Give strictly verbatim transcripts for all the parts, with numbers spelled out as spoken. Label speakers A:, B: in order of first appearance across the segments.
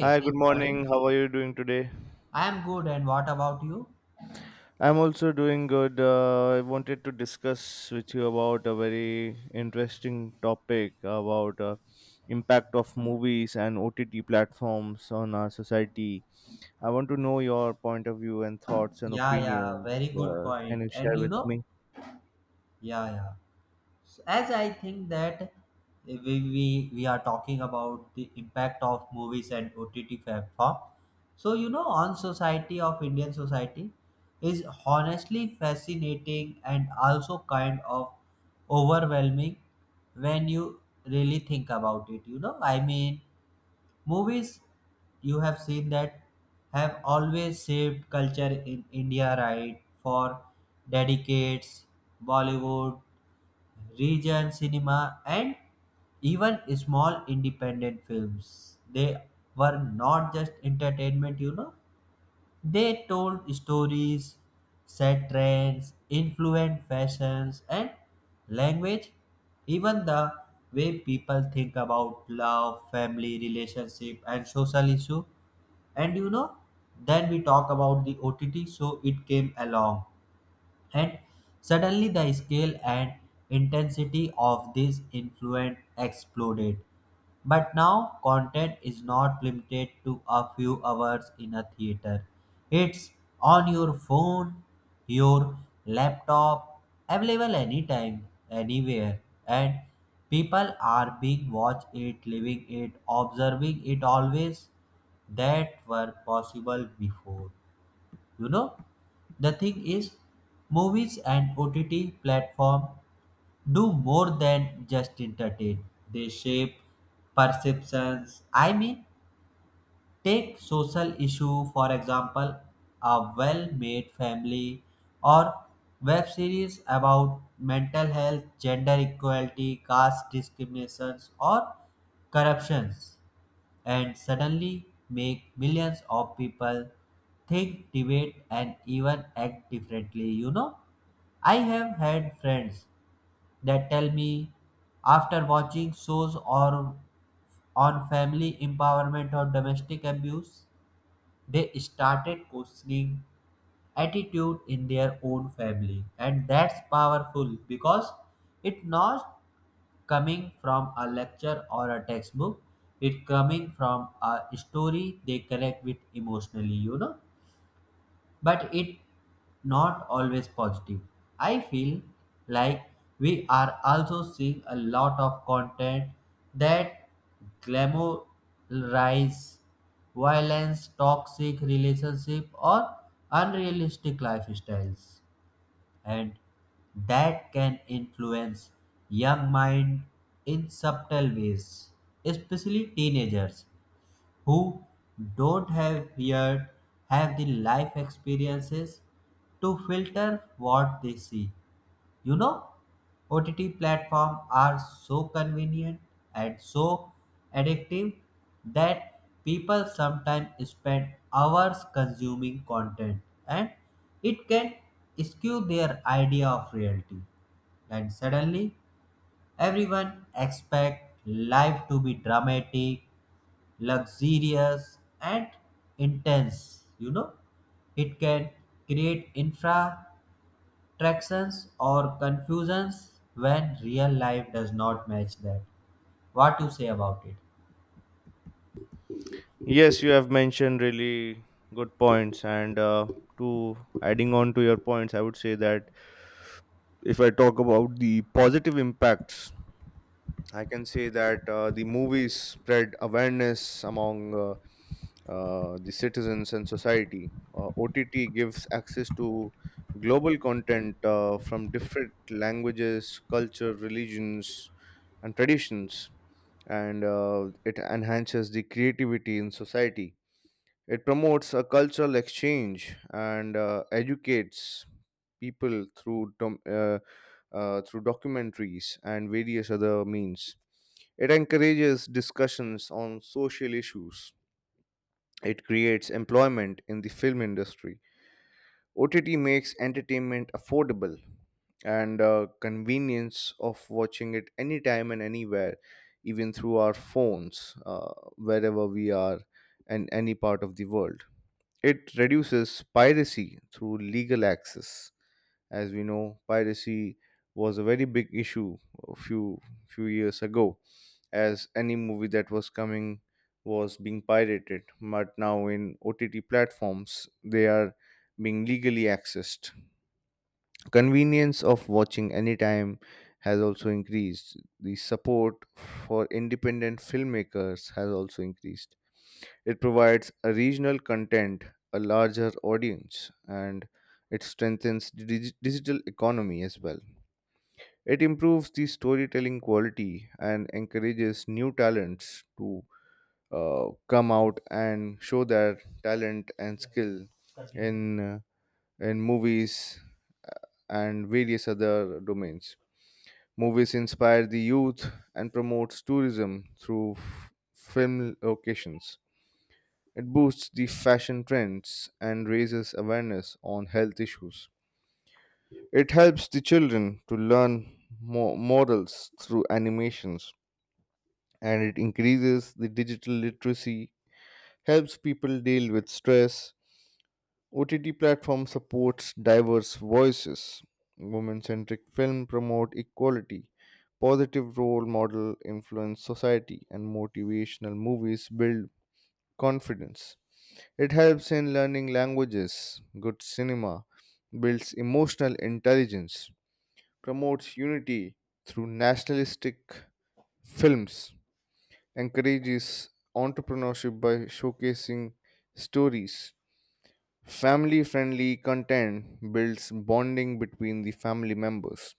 A: Hi, good
B: good morning.
A: morning. How are you doing today?
B: I am good, and what about you?
A: I'm also doing good. Uh, I wanted to discuss with you about a very interesting topic about uh, impact of movies and O T T platforms on our society. I want to know your point of view and thoughts and
B: Yeah, yeah,
A: opinions.
B: very good
A: Uh,
B: point.
A: can you
B: And
A: share
B: you
A: with
B: know,
A: me?
B: yeah, yeah. So as I think that eh, we, we we are talking about the impact of movies and O T T platform. So you know, on society of Indian society is honestly fascinating and also kind of overwhelming when you really think about it. You know, I mean movies you have seen that have always shaped culture in India, right? For decades, Bollywood, region cinema, and even small independent films. They were not just entertainment, you know, they told stories, set trends, influenced fashions and language, even the way people think about love, family, relationship, and social issue. And you know, then we talk about the O T T, so it came along and suddenly the scale and intensity of this influence exploded. But now content is not limited to a few hours in a theater. It's on your phone, your laptop, available anytime, anywhere. And people are being watch it, living it, observing it always that were possible before. You know, the thing is, movies and O T T platform do more than just entertain. They shape perceptions. I mean, take social issue for example, a well-made family or web series about mental health, gender equality, caste discriminations or corruptions and suddenly make millions of people think, debate, and even act differently. You know, I have had friends that tell me after watching shows or on family empowerment or domestic abuse, they started questioning attitude in their own family, and that's powerful because it not coming from a lecture or a textbook, it coming from a story they connect with emotionally, you know, but it not always positive. I feel like we are also seeing a lot of content that glamorize violence, toxic relationship, or unrealistic lifestyles, and that can influence young mind in subtle ways, especially teenagers who don't have yet have the life experiences to filter what they see. You know, O T T platforms are so convenient and so addictive that people sometimes spend hours consuming content, and it can skew their idea of reality. And suddenly, everyone expects life to be dramatic, luxurious, and intense. You know, it can create infra attractions or confusions when real life does not match that, what you say about it?
A: Yes, you have mentioned really good points. And uh, to adding on to your points, I would say that if I talk about the positive impacts I can say that uh, the movies spread awareness among uh, uh, the citizens and society. Uh, O T T gives access to global content uh, from different languages, culture, religions, and traditions, and uh, it enhances the creativity in society. It promotes a cultural exchange and uh, educates people through dom- uh, uh, through documentaries and various other means it encourages discussions on social issues. It creates employment in the film industry. O T T makes entertainment affordable and uh, convenience of watching it anytime and anywhere, even through our phones, uh, wherever we are in any part of the world. It reduces piracy through legal access. As we know, piracy was a very big issue a few few years ago as any movie that was coming was being pirated. But now in O T T platforms, they are being legally accessed. Convenience of watching anytime has also increased. The support for independent filmmakers has also increased. It provides a regional content, a larger audience, and it strengthens the dig- digital economy as well. It improves the storytelling quality and encourages new talents to uh, come out and show their talent and skill in uh, in movies uh, and various other domains. Movies inspire the youth and promotes tourism through f- film locations. It boosts the fashion trends and raises awareness on health issues. It helps the children to learn mo- morals through animations and it increases the digital literacy, helps people deal with stress, O T T platform supports diverse voices. Women-centric film promote equality. Positive role model influence society and motivational movies build confidence. It helps in learning languages. Good cinema builds emotional intelligence. Promotes unity through nationalistic films. Encourages entrepreneurship by showcasing stories. Family friendly content builds bonding between the family members.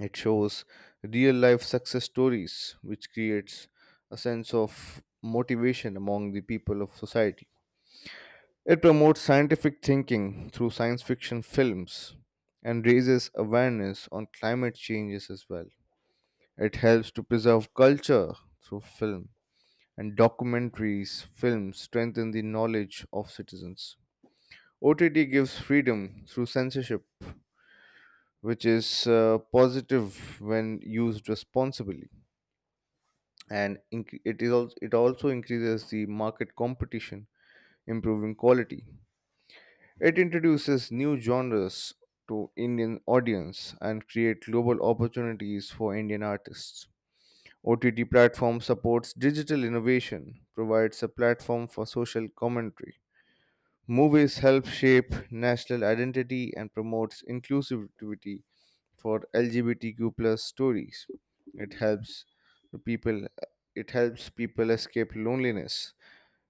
A: It shows real life success stories, which creates a sense of motivation among the people of society. It promotes scientific thinking through science fiction films and raises awareness on climate changes as well. It helps to preserve culture through film and documentaries, films strengthen the knowledge of citizens. O T T gives freedom through censorship, which is uh, positive when used responsibly, and inc- it is also, it also increases the market competition, improving quality. It introduces new genres to Indian audience and create global opportunities for Indian artists. O T T platform supports digital innovation, provides a platform for social commentary. Movies help shape national identity and promotes inclusivity for L G B T Q plus stories. It helps the people it helps people escape loneliness.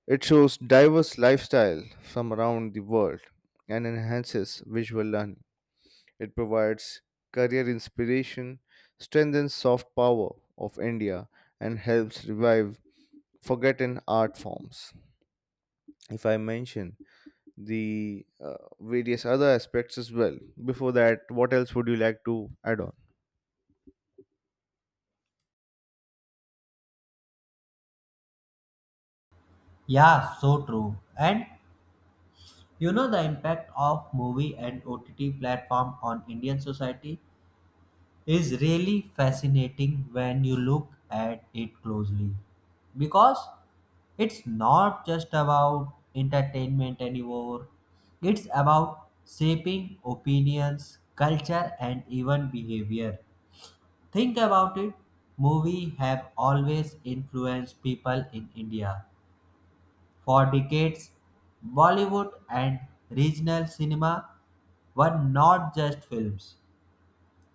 A: It shows diverse lifestyle from around the world and enhances visual learning. It provides career inspiration, strengthens soft power of India and helps revive forgotten art forms. If I mention the uh, various other aspects as well. Before that, what else would you like to add on?
B: Yeah, so true. And you know, the impact of movie and OTT platform on Indian society is really fascinating when you look at it closely because it's not just about entertainment anymore. It's about shaping opinions, culture, and even behavior. Think about it. Movies have always influenced people in India. For decades, Bollywood and regional cinema were not just films.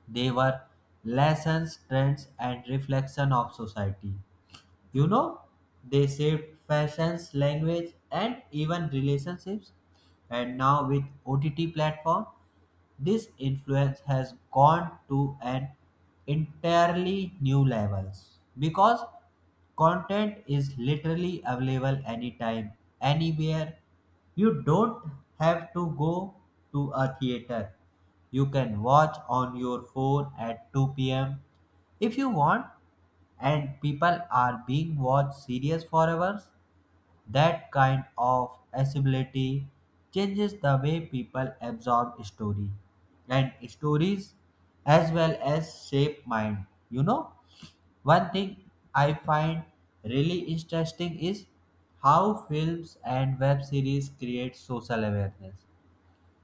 B: They were lessons, trends, and reflection of society. You know, they shaped fashions, language, and even relationships. And now with O T T platform, this influence has gone to an entirely new levels because content is literally available anytime, anywhere. You don't have to go to a theater. You can watch on your phone at two p m if you want, and people are being watched series for hours, that kind of accessibility changes the way people absorb story and stories as well as shape mind. You know, one thing I find really interesting is how films and web series create social awareness.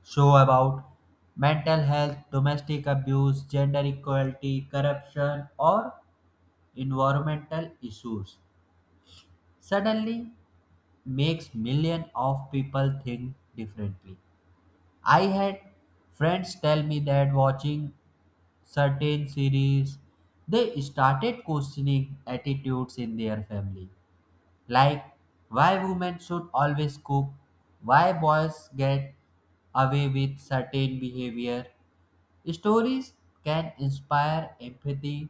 B: Show about mental health, domestic abuse, gender equality, corruption, or environmental issues. Suddenly, makes million of people think differently. I had friends tell me that watching certain series they started questioning attitudes in their family, like why women should always cook, why boys get away with certain behavior. Stories can inspire empathy,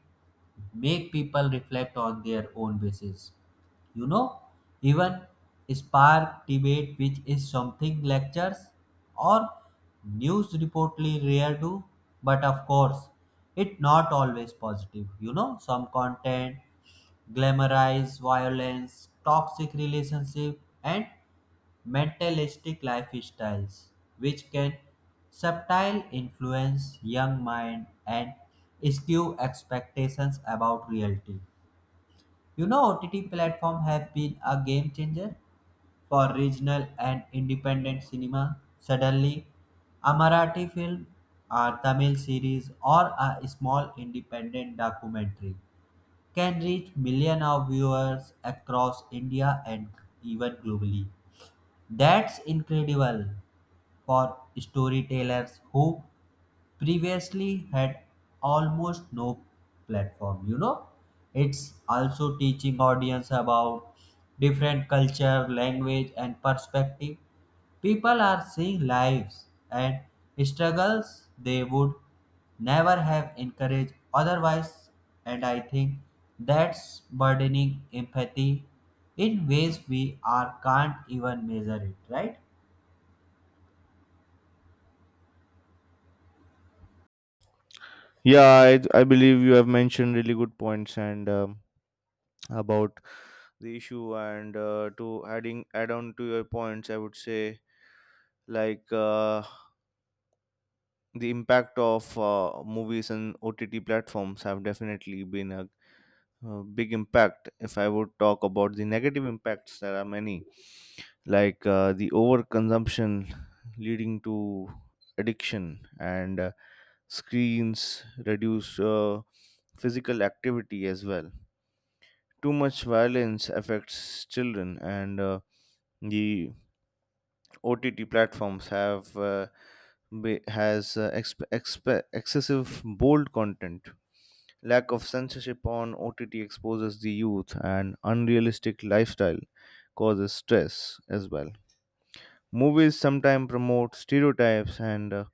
B: make people reflect on their own basis, you know, even spark debate, which is something lectures or news reportedly rare do. But of course, it not always positive. You know, some content glamorize violence, toxic relationship, and mentalistic lifestyles, which can subtile influence young mind and skew expectations about reality. You know, O T T platforms have been a game changer for regional and independent cinema. Suddenly, a Marathi film, a Tamil series, or a small independent documentary can reach millions of viewers across India and even globally. That's incredible for storytellers who previously had almost no platform. You know, it's also teaching audience about different culture, language, and perspective. People are seeing lives and struggles they would never have encouraged otherwise, and I think that's burdening empathy in ways we are can't even measure it, right?
A: Yeah, I, I believe you have mentioned really good points and um, about the issue. And uh, to adding add on to your points, I would say like uh, the impact of uh, movies and O T T platforms have definitely been a, uh big impact. If I would talk about the negative impacts, there are many, like uh, the overconsumption leading to addiction and uh, screens reduce uh, physical activity as well. Too much violence affects children and uh, the O T T platforms have uh, be- has uh, exp- exp- excessive bold content. Lack of censorship on O T T exposes the youth, and unrealistic lifestyle causes stress as well. Movies sometimes promote stereotypes, and uh,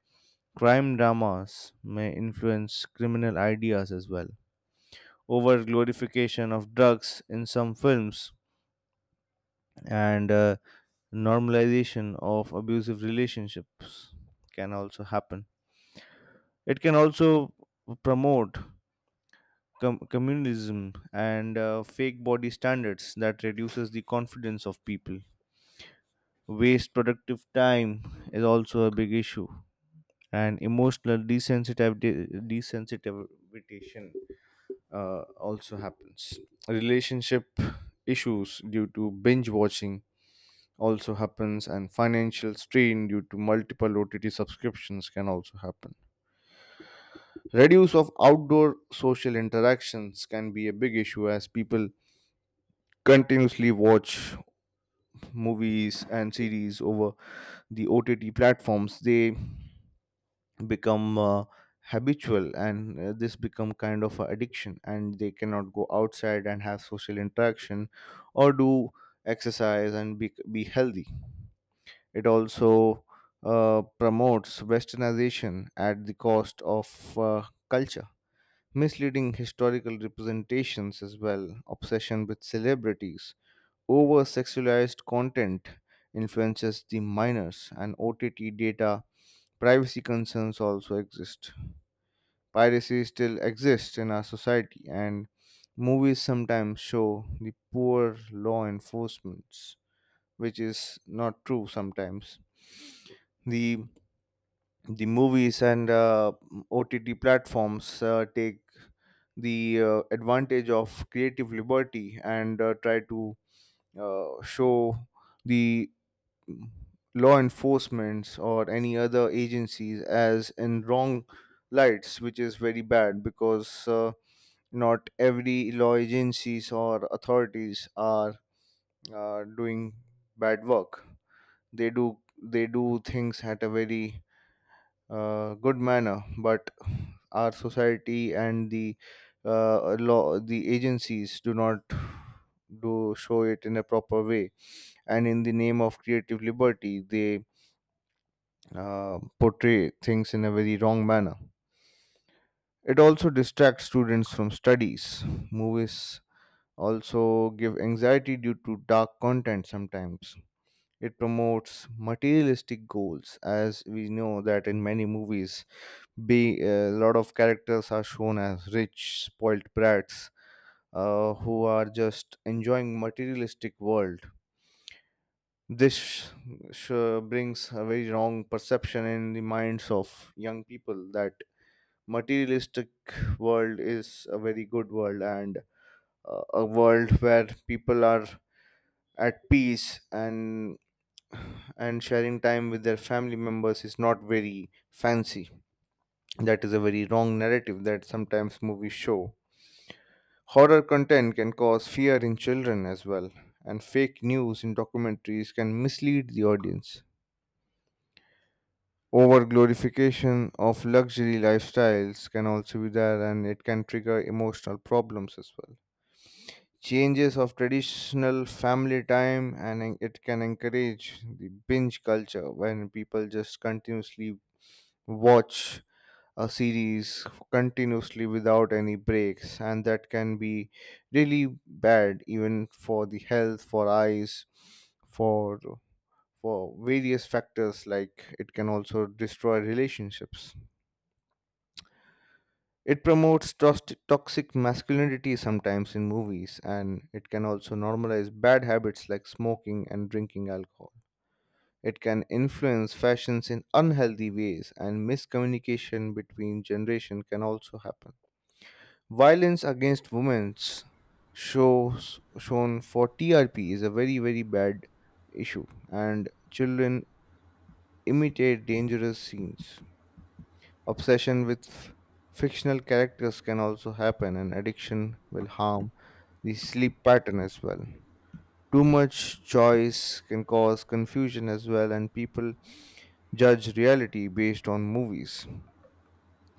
A: crime dramas may influence criminal ideas as well. Over glorification of drugs in some films and uh, normalization of abusive relationships can also happen. It can also promote com- communism and uh, fake body standards that reduces the confidence of people. Waste productive time is also a big issue, and emotional desensitiv- desensitization uh, also happens. Relationship issues due to binge watching also happens, and financial strain due to multiple O T T subscriptions can also happen. Reduce of outdoor social interactions can be a big issue as people continuously watch movies and series over the O T T platforms. They become uh, habitual and uh, this become kind of a addiction and they cannot go outside and have social interaction or do exercise and be, be healthy. It also uh, promotes westernization at the cost of uh, culture misleading historical representations as well, obsession with celebrities, over sexualized content influences the minors, and O T T data privacy concerns also exist. Piracy still exists in our society, and movies sometimes show the poor law enforcements, which is not true sometimes. The the movies and uh, O T T platforms uh, take the uh, advantage of creative liberty and uh, try to uh, show the mm, law enforcements or any other agencies as in wrong lights, which is very bad because uh, not every law agencies or authorities are uh, doing bad work. They do they do things at a very uh, good manner, but our society and the uh, law, the agencies do not do show it in a proper way, and in the name of creative liberty, they uh, portray things in a very wrong manner. It also distracts students from studies. Movies also give anxiety due to dark content sometimes. It promotes materialistic goals, as we know that in many movies being a lot of characters are shown as rich spoiled brats uh, who are just enjoying materialistic world this sh- sh- brings a very wrong perception in the minds of young people that materialistic world is a very good world and uh, a world where people are at peace and and sharing time with their family members is not very fancy, that is a very wrong narrative that sometimes movies show. Horror content can cause fear in children as well, and fake news in documentaries can mislead the audience. Over glorification of luxury lifestyles can also be there, and it can trigger emotional problems as well. Changes of traditional family time, and en- it can encourage the binge culture when people just continuously watch a series continuously without any breaks and that can be really bad even for the health, for eyes, for for various factors like it can also destroy relationships, it promotes tost- toxic masculinity sometimes in movies and it can also normalize bad habits like smoking and drinking alcohol, it can influence fashions in unhealthy ways and miscommunication between generation can also happen. Violence against women shows shown for T R P is a very very bad issue, and children imitate dangerous scenes. Obsession with f- fictional characters can also happen, and addiction will harm the sleep pattern as well. Too much choice can cause confusion as well, and people judge reality based on movies.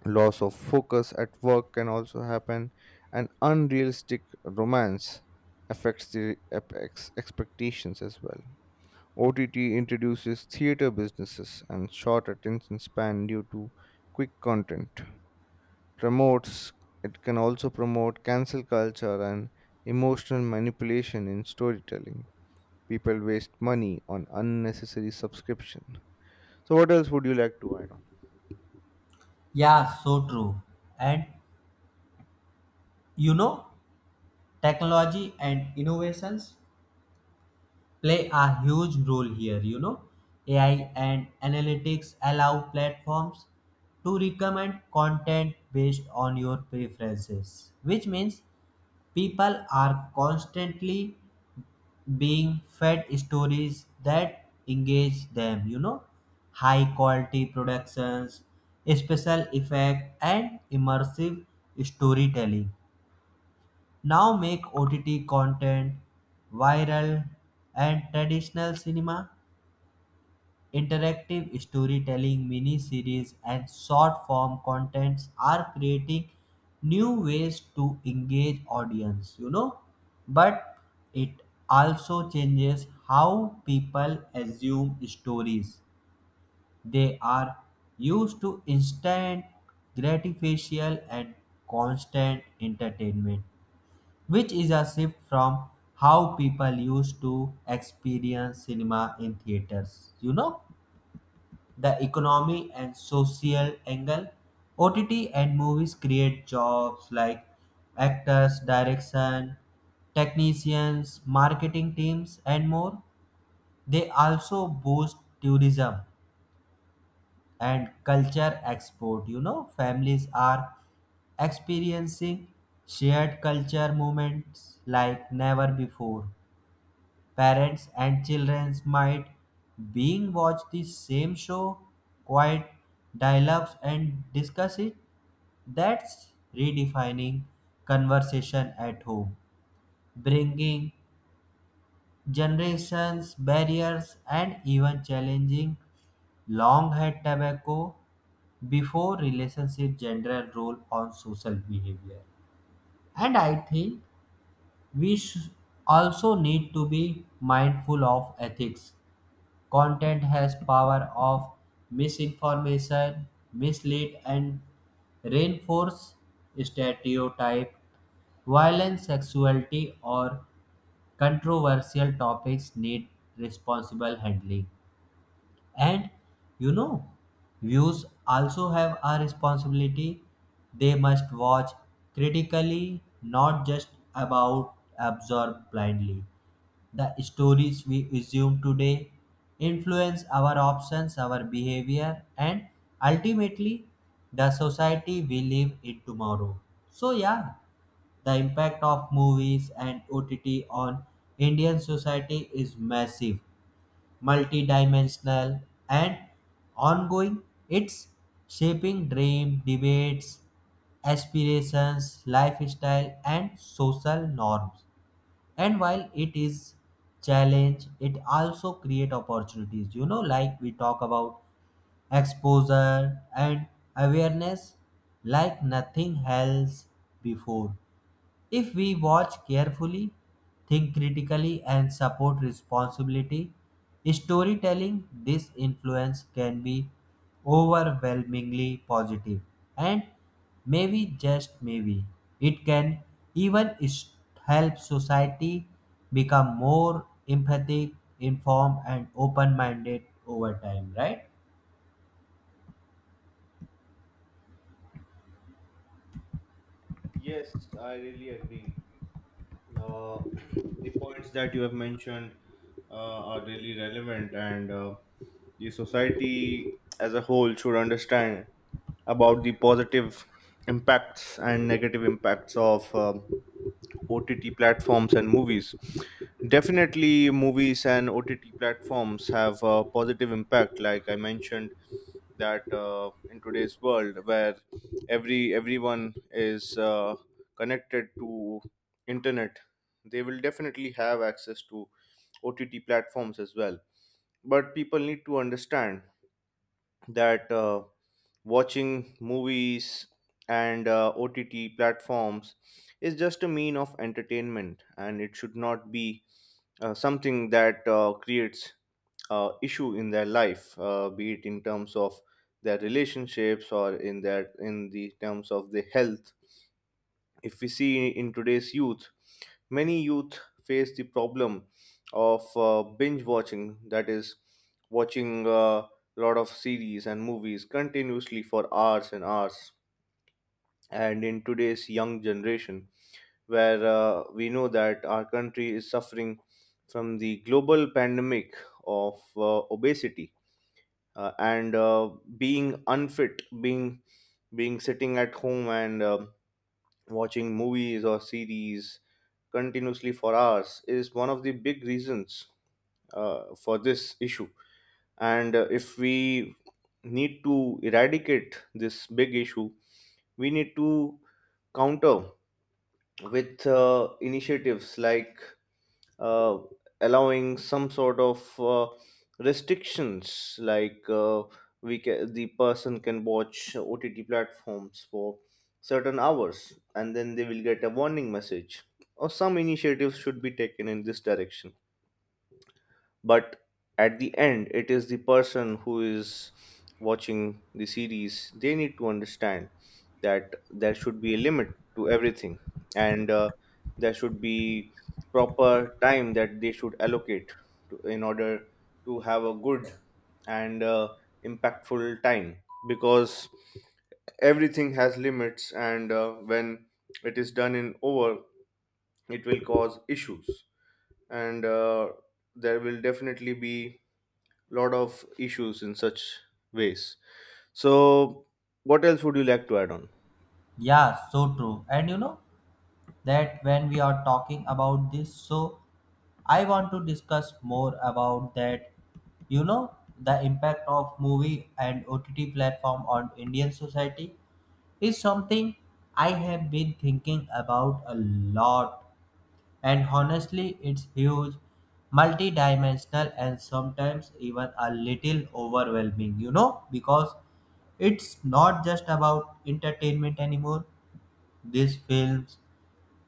A: Loss of focus at work can also happen, and unrealistic romance affects the ep- ex- expectations as well. O T T introduces theater businesses and short attention span due to quick content. Promotes it can also promote cancel culture and emotional manipulation in storytelling. People waste money on unnecessary subscription, so, what else would you like to add on?
B: Yeah, so true. And you know, technology and innovations play a huge role here. You know, A I and analytics allow platforms to recommend content based on your preferences, which means people are constantly being fed stories that engage them. You know, high quality productions, special effect, and immersive storytelling now make O T T content viral, and traditional cinema, interactive storytelling, mini series, and short form contents are creating new ways to engage audience, you know. But it also changes how people assume stories. They are used to instant gratification and constant entertainment, which is a shift from how people used to experience cinema in theaters. You know, the economy and social angle, O T T and movies create jobs like actors, direction, technicians, marketing teams, and more. They also boost tourism and culture export. You know, families are experiencing shared culture moments like never before. Parents and children might being watch the same show, quiet dialogues and discuss it. That's redefining conversation at home, bringing generations, barriers, and even challenging long had tobacco before relationship gender role on social behavior, and I think we sh- also need to be mindful of ethics. Content has power of misinformation, mislead, and reinforce stereotype. Violence, sexuality, or controversial topics need responsible handling. And you know, views also have a responsibility. They must watch critically, not just about absorb blindly. The stories we assume today influence our options, our behavior, and ultimately the society we live in tomorrow. So, yeah, the impact of movies and O T T on Indian society is massive, multidimensional, and ongoing. It's shaping dream, debates, aspirations, lifestyle, and social norms, and while it is challenge, it also create opportunities. You know, like we talk about exposure and awareness like nothing else before. If we watch carefully, think critically, and support responsibility, storytelling, this influence can be overwhelmingly positive. And maybe, just maybe, it can even s- help society become more empathic, informed, and open minded over time, right?
A: Yes, I really agree. Uh, the points that you have mentioned uh, are really relevant, and uh, the society as a whole should understand about the positive impacts and negative impacts of um O T T platforms and movies. Definitely, movies and O T T platforms have a positive impact. Like I mentioned, that uh, in today's world where every everyone is uh, connected to internet, they will definitely have access to O T T platforms as well. But people need to understand that. Uh, watching movies and uh, O T T platforms is just a mean of entertainment, and it should not be uh, something that uh, creates uh, issue in their life, uh, be it in terms of their relationships or in their in the terms of the health. If we see in today's youth, many youth face the problem of uh, binge watching, that is, watching a lot of series and movies continuously for hours and hours. And in today's young generation, where uh, we know that our country is suffering from the global pandemic of uh, obesity uh, and uh, being unfit, being being sitting at home and um watching movies or series continuously for hours is one of the big reasons uh, for this issue. And uh, if we need to eradicate this big issue, we need to counter with uh, initiatives like uh, allowing some sort of uh, restrictions like uh, we can, the person can watch O T T platforms for certain hours and then they will get a warning message or some initiatives should be taken in this direction, but at the end it is the person who is watching the series, they need to understand that there should be a limit to everything and uh, there should be proper time that they should allocate to, in order to have a good and uh, impactful time, because everything has limits and uh, when it is done in over it will cause issues and uh, there will definitely be lot of issues in such ways. So, what else would you like to add on?
B: Yeah, so true. And you know that when we are talking about this, so I want to discuss more about that, you know, the impact of movie and O T T platform on Indian society is something I have been thinking about a lot, and honestly it's huge, multi-dimensional, and sometimes even a little overwhelming, you know, because it's not just about entertainment anymore. These films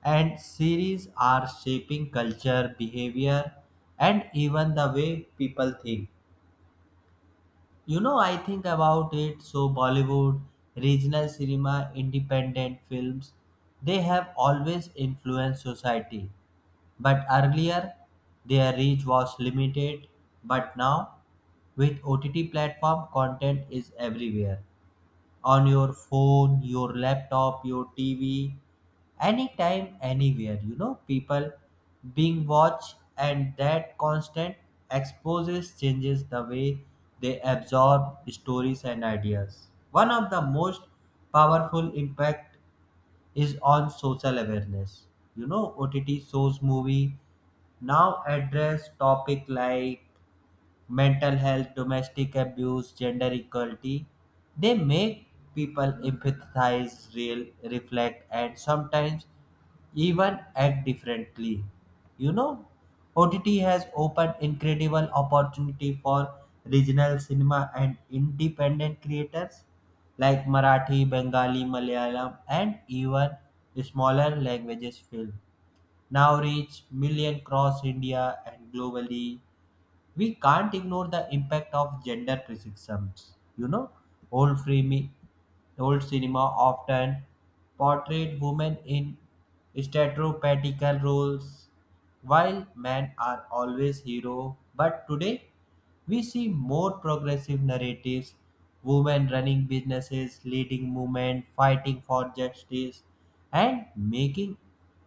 B: and series are shaping culture, behavior, and even the way people think. You know, I think about it. So, Bollywood, regional cinema, independent films, they have always influenced society. But earlier, their reach was limited. But now, with O T T platform, content is everywhere on your phone, your laptop, your T V, anytime, anywhere. You know, people being watched, and that constant exposes changes the way they absorb stories and ideas. One of the most powerful impact is on social awareness. You know, O T T shows movie now address topic like mental health, domestic abuse, gender equality. They make people empathize, real, reflect, and sometimes even act differently. You know, O T T has opened incredible opportunity for regional cinema and independent creators like Marathi, Bengali, Malayalam, and even smaller languages film. Now reach million cross India and globally, we can't ignore the impact of gender criticisms. You know, old frame, old cinema often portrayed women in stereotypical roles, while men are always hero. But today, we see more progressive narratives: women running businesses, leading movement, fighting for justice, and making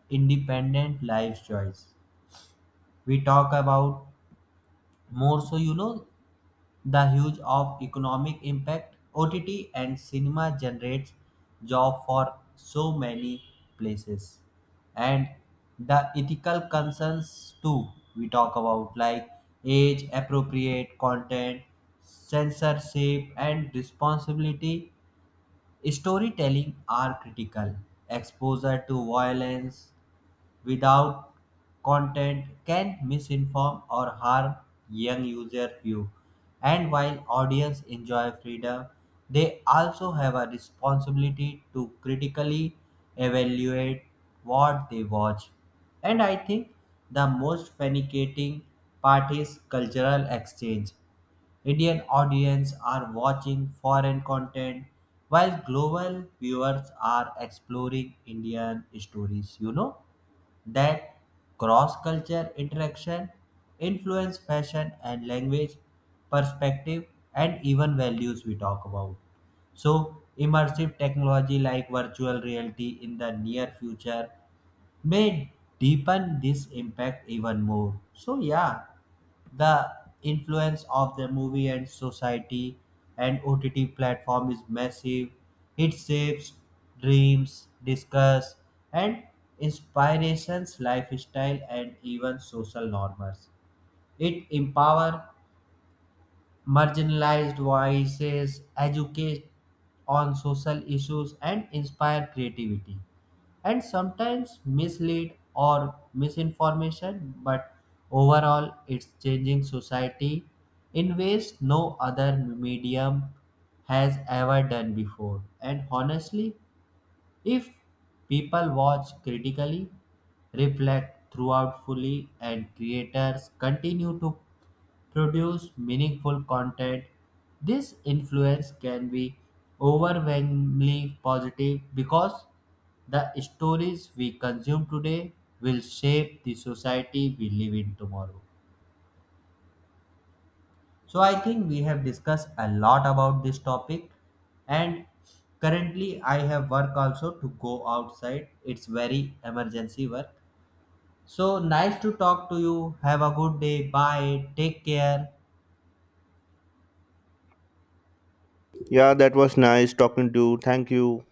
B: independent life choice. We talk about more so, you know, the huge of economic impact O T T and cinema generates job for so many places, and the ethical concerns too, we talk about like age appropriate content, censorship, and responsibility storytelling are critical. Exposure to violence without content can misinform or harm young user view. And while audience enjoy freedom, they also have a responsibility to critically evaluate what they watch. And I think the most fascinating part is cultural exchange. Indian audience are watching foreign content while global viewers are exploring Indian stories, you know? That cross-culture interaction influence fashion and language, perspective, and even values, we talk about. So immersive technology like virtual reality in the near future may deepen this impact even more. So yeah, the influence of the movie and society and O T T platform is massive. It shapes dreams, discuss, and inspirations, lifestyle, and even social norms. It empower marginalized voices, educate on social issues, and inspire creativity. And sometimes mislead or misinformation, but overall, it's changing society in ways no other medium has ever done before. And honestly, if people watch critically, reflect throughout fully, and creators continue to produce meaningful content, this influence can be overwhelmingly positive because the stories we consume today will shape the society we live in tomorrow. So, I think we have discussed a lot about this topic, and currently, I have work also to go outside. It's very emergency work. So, nice to talk to you. Have a good day. Bye. Take care.
A: Yeah, that was nice talking to you. Thank you.